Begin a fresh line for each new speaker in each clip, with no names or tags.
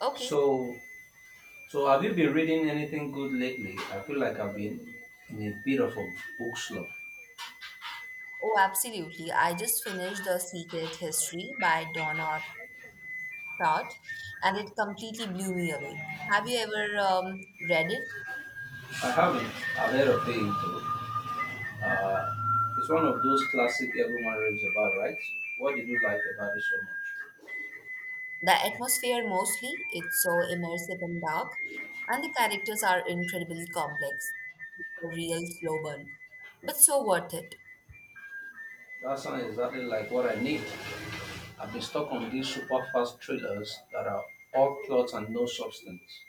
Okay.
So, so, have you been reading anything good lately? I feel like I've been in a bit of a book slump.
Oh, absolutely. I just finished The Secret History by Donna Tartt, and it completely blew me away. Have you ever read it?
I haven't. I've heard of it though. Uh, it's one of those classic everyone raves about, right? What did you like about it so much?
The atmosphere mostly, it's so immersive and dark, and the characters are incredibly complex. It's a real slow burn, but so worth it.
That sounds exactly like what I need. I've been stuck on these super fast thrillers that are all plots and no substance.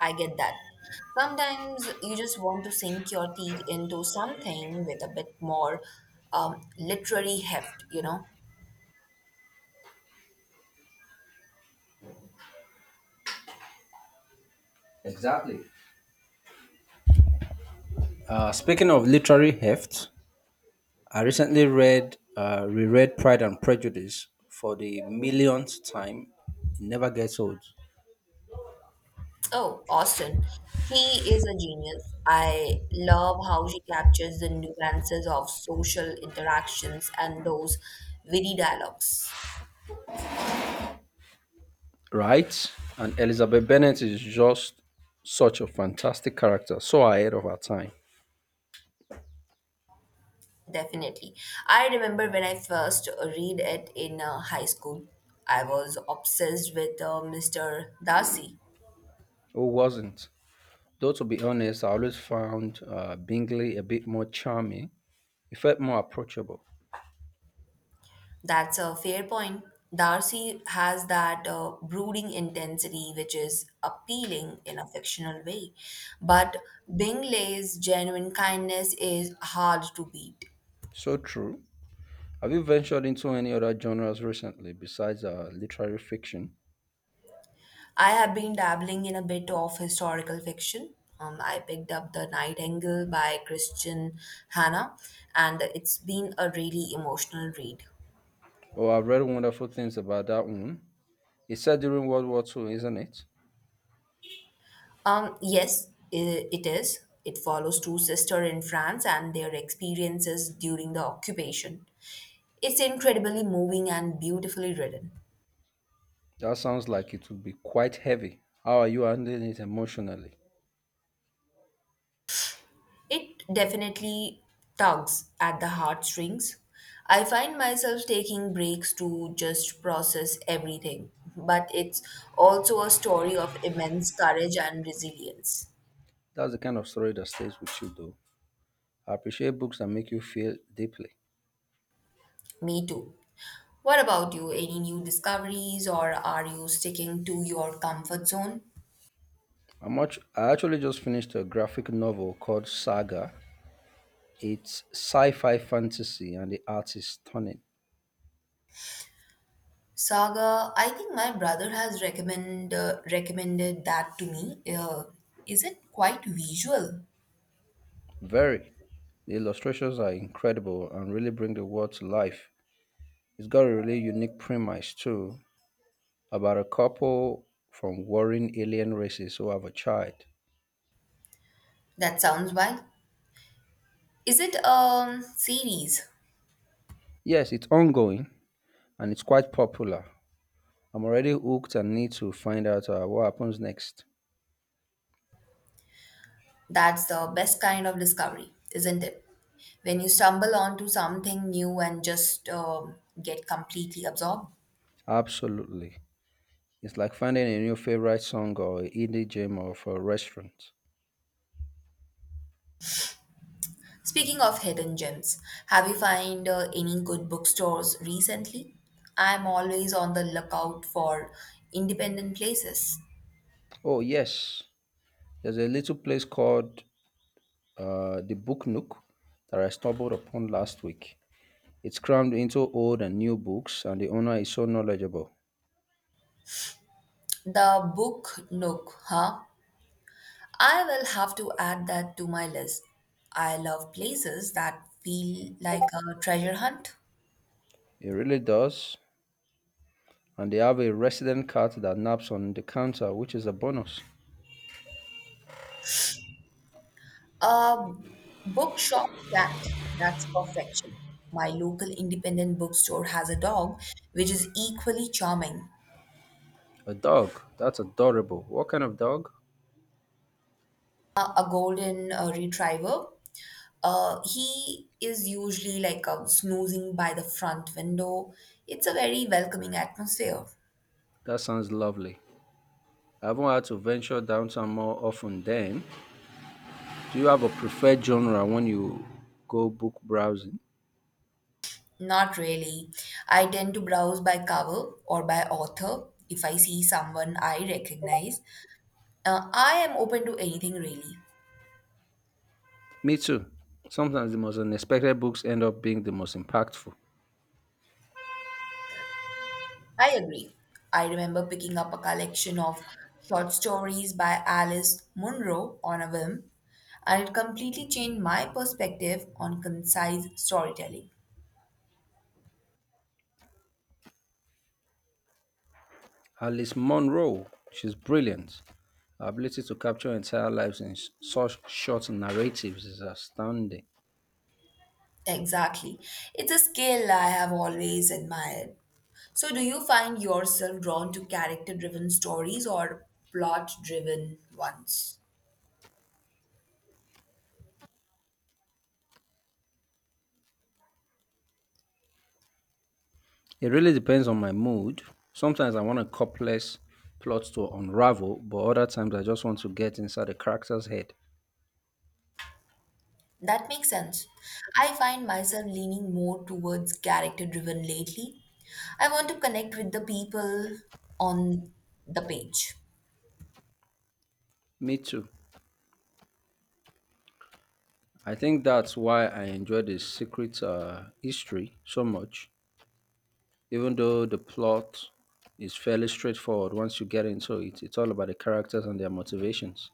I get that. Sometimes you just want to sink your teeth into something with a bit more literary heft, you know?
Exactly. Speaking of literary heft, I recently reread Pride and Prejudice for the millionth time. It never gets old.
Oh, Austen. He is a genius. I love how she captures the nuances of social interactions and those witty dialogues.
Right? And Elizabeth Bennet is just such a fantastic character, so ahead of her time.
Definitely. I remember when I first read it in high school. I was obsessed with Mr. Darcy.
Who wasn't? Though, to be honest, I always found Bingley a bit more charming. He felt more approachable.
That's a fair point. Darcy has that brooding intensity, which is appealing in a fictional way. But Bingley's genuine kindness is hard to beat.
So true. Have you ventured into any other genres recently besides literary fiction?
I have been dabbling in a bit of historical fiction. I picked up The Nightingale by Christian Hannah, and it's been a really emotional read.
Oh, I've read wonderful things about that one. It's set during World War 2, isn't it?
Yes, it is. It follows two sisters in France and their experiences during the occupation. It's incredibly moving and beautifully written.
That sounds like it would be quite heavy. How are you handling it emotionally?
It definitely tugs at the heartstrings. I find myself taking breaks to just process everything, but it's also a story of immense courage and resilience.
That's the kind of story that stays with you, though. I appreciate books that make you feel deeply.
Me too. What about you? Any new discoveries, or are you sticking to your comfort zone?
I actually just finished a graphic novel called Saga. It's sci fi fantasy, and the art is stunning.
Saga, I think my brother has recommended that to me. Is it quite visual?
Very. The illustrations are incredible and really bring the world to life. It's got a really unique premise, too, about a couple from warring alien races who have a child.
That sounds wild. Is it a series?
Yes, it's ongoing and it's quite popular. I'm already hooked and need to find out what happens next.
That's the best kind of discovery, isn't it? When you stumble onto something new and just get completely absorbed.
Absolutely. It's like finding a new favorite song or a indie gem or for a restaurant.
Speaking of hidden gems, have you found any good bookstores recently? I'm always on the lookout for independent places.
Oh, yes. There's a little place called the Book Nook that I stumbled upon last week. It's crammed into old and new books, and the owner is so knowledgeable.
The Book Nook, huh? I will have to add that to my list. I love places that feel like a treasure hunt.
It really does. And they have a resident cat that naps on the counter, which is a bonus.
A bookshop cat, that's perfection. My local independent bookstore has a dog which is equally charming.
A dog. That's adorable. What kind of dog?
A golden retriever. He is usually like snoozing by the front window. It's a very welcoming atmosphere.
That sounds lovely. I haven't had to venture downtown more often then. Do you have a preferred genre when you go book browsing?
Not really. I tend to browse by cover or by author if I see someone I recognize. I am open to anything really.
Me too. Sometimes the most unexpected books end up being the most impactful.
I agree. I remember picking up a collection of short stories by Alice Munro on a whim, and it completely changed my perspective on concise storytelling.
Alice Munro, she's brilliant. Her ability to capture entire lives in such short narratives is astounding.
Exactly. It's a skill I have always admired. So, do you find yourself drawn to character driven stories or plot driven ones?
It really depends on my mood. Sometimes I want a complex plot to unravel, but other times I just want to get inside the character's head.
That makes sense. I find myself leaning more towards character driven lately. I want to connect with the people on the page.
Me too. I think that's why I enjoy the secret history so much. Even though the plot is fairly straightforward once you get into it, it's all about the characters and their motivations.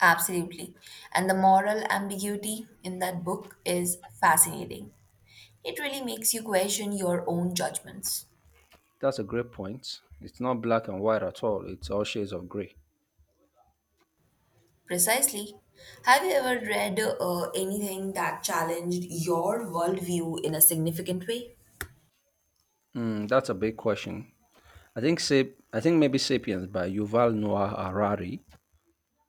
Absolutely. And the moral ambiguity in that book is fascinating. It really makes you question your own judgments.
That's a great point. It's not black and white at all. It's all shades of gray.
Precisely. Have you ever read anything that challenged your worldview in a significant way?
Hmm, that's a big question. I think maybe *Sapiens* by Yuval Noah Harari.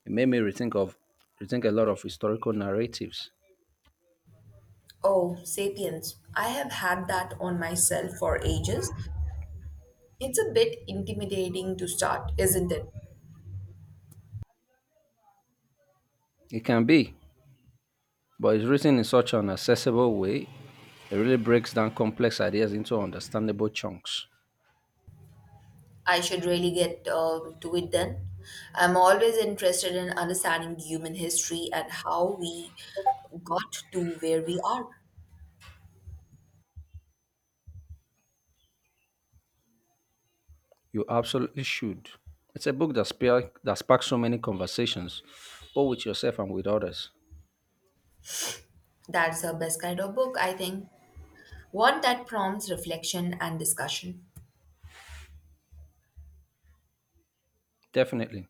It made me rethink a lot of historical narratives.
Oh, Sapiens. I have had that on myself for ages. It's a bit intimidating to start, isn't it?
It can be. But it's written in such an accessible way, it really breaks down complex ideas into understandable chunks.
I should really get to it then. I'm always interested in understanding human history and how we got to where we are.
You absolutely should. It's a book that sparks so many conversations, both with yourself and with others.
That's the best kind of book, I think. One that prompts reflection and discussion.
Definitely.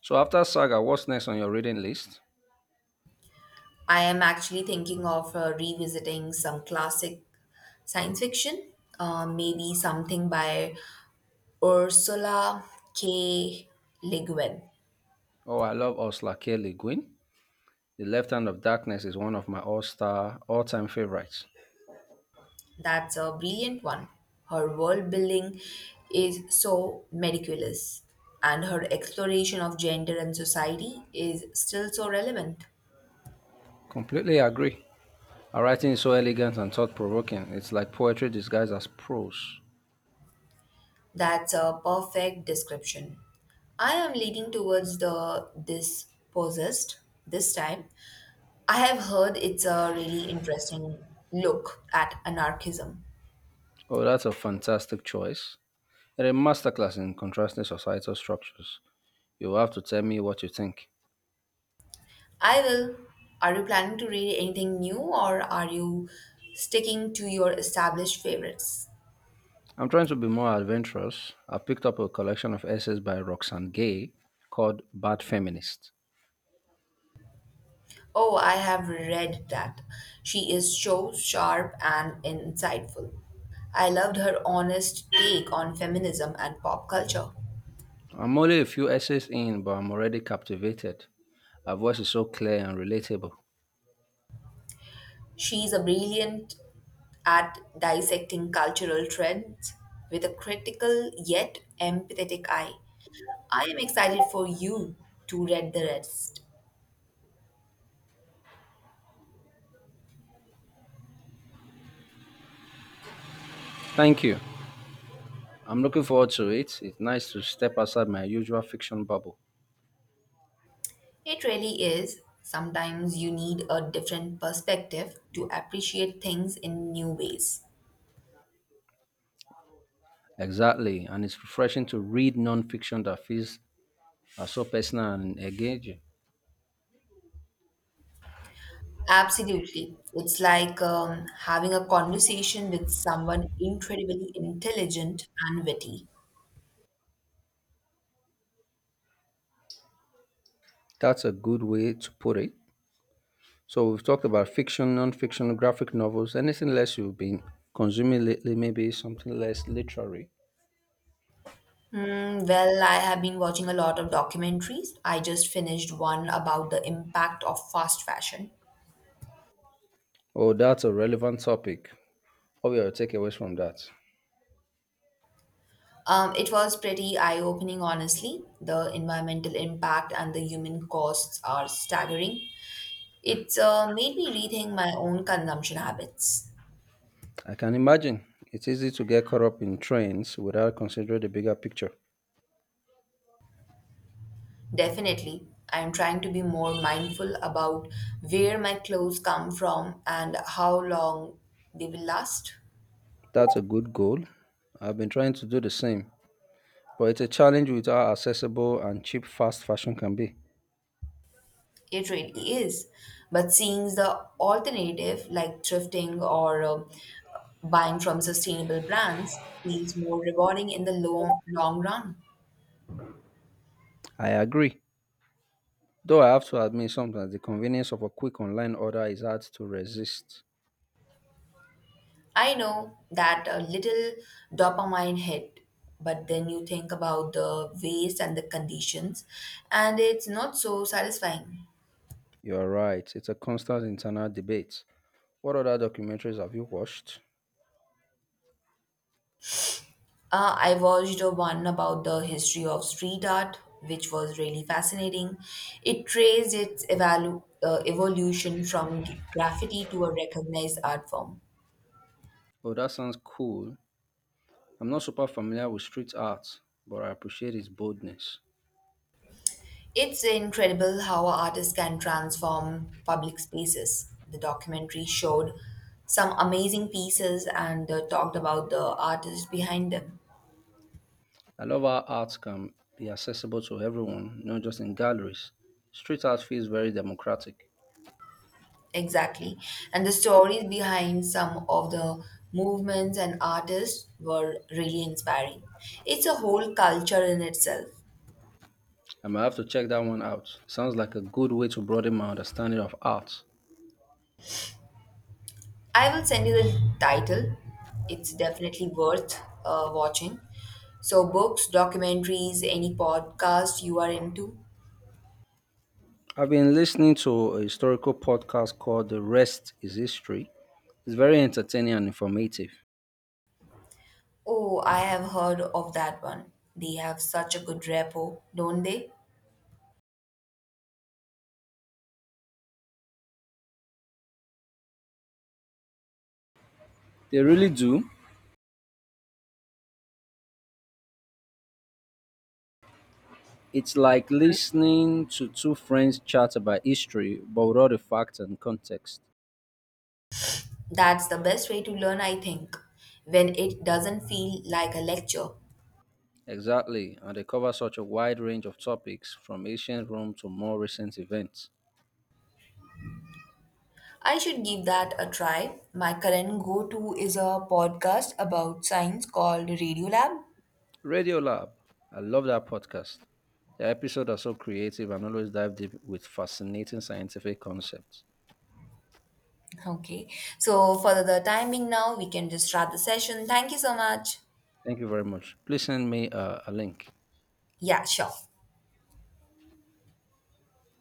So after Saga, what's next on your reading list?
I am actually thinking of revisiting some classic science fiction, maybe something by Ursula K. Le Guin.
Oh, I love Ursula K. Le Guin. The Left Hand of Darkness is one of my all-time favorites.
That's a brilliant one. Her world building is so meticulous, and her exploration of gender and society is still so relevant.
Completely agree. Her writing is so elegant and thought-provoking. It's like poetry disguised as prose.
That's a perfect description. I am leaning towards the this possessed this time. I have heard it's a really interesting look at anarchism.
Oh, that's a fantastic choice. In a masterclass in contrasting societal structures, you'll have to tell me what you think.
I will. Are you planning to read anything new or are you sticking to your established favorites?
I'm trying to be more adventurous. I picked up a collection of essays by Roxane Gay called Bad Feminist.
Oh, I have read that. She is so sharp and insightful. I loved her honest take on feminism and pop culture.
I'm only a few essays in, but I'm already captivated. Her voice is so clear and relatable.
She's a brilliant at dissecting cultural trends with a critical yet empathetic eye. I am excited for you to read the rest.
Thank you. I'm looking forward to it. It's nice to step outside my usual fiction bubble.
It really is. Sometimes you need a different perspective to appreciate things in new ways.
Exactly, and it's refreshing to read non-fiction that feels so personal and engaging.
Absolutely. It's like having a conversation with someone incredibly intelligent and witty.
That's a good way to put it. So we've talked about fiction, non-fiction, graphic novels. Anything less you've been consuming lately? Maybe something less literary.
Hmm, well, I have been watching a lot of documentaries. I just finished one about the impact of fast fashion.
Oh, that's a relevant topic. What were your takeaways from that?
It was pretty eye-opening, honestly. The environmental impact and the human costs are staggering. It's made me rethink my own consumption habits.
I can imagine it's easy to get caught up in trends without considering the bigger picture.
Definitely. I am trying to be more mindful about where my clothes come from and how long they will last.
That's a good goal. I've been trying to do the same, but it's a challenge with how accessible and cheap fast fashion can be.
It really is. But seeing the alternative, like thrifting or buying from sustainable brands, feels more rewarding in the long, long run.
I agree. Though I have to admit sometimes the convenience of a quick online order is hard to resist.
I know that a little dopamine hit, but then you think about the waste and the conditions, and it's not so satisfying.
You are right. It's a constant internal debate. What other documentaries have you watched?
I watched one about the history of street art, which was really fascinating. It traced its evolution from graffiti to a recognized art form.
Oh, that sounds cool. I'm not super familiar with street art, but I appreciate its boldness.
It's incredible how artists can transform public spaces. The documentary showed some amazing pieces and talked about the artists behind them.
I love how art can be accessible to everyone, not just in galleries. Street art feels very democratic.
Exactly. And the stories behind some of the movements and artists were really inspiring. It's a whole culture in itself.
I might have to check that one out. Sounds like a good way to broaden my understanding of art.
I will send you the title. It's definitely worth watching. So, books, documentaries, any podcast you are into.
I've been listening to a historical podcast called The Rest is History. It's very entertaining and informative.
Oh, I have heard of that one. They have such a good repo, don't they?
They really do. It's like listening to two friends chat about history, but with all the facts and context.
That's the best way to learn, I think, when it doesn't feel like a lecture.
Exactly, and they cover such a wide range of topics from ancient Rome to more recent events.
I should give that a try. My current go to is a podcast about science called Radio Lab.
Radio Lab, I love that podcast. The episodes are so creative and always dive deep with fascinating scientific concepts.
Okay, so for the timing now, we can just start the session. Thank you so much.
Thank you very much. Please send me a link.
Yeah, sure.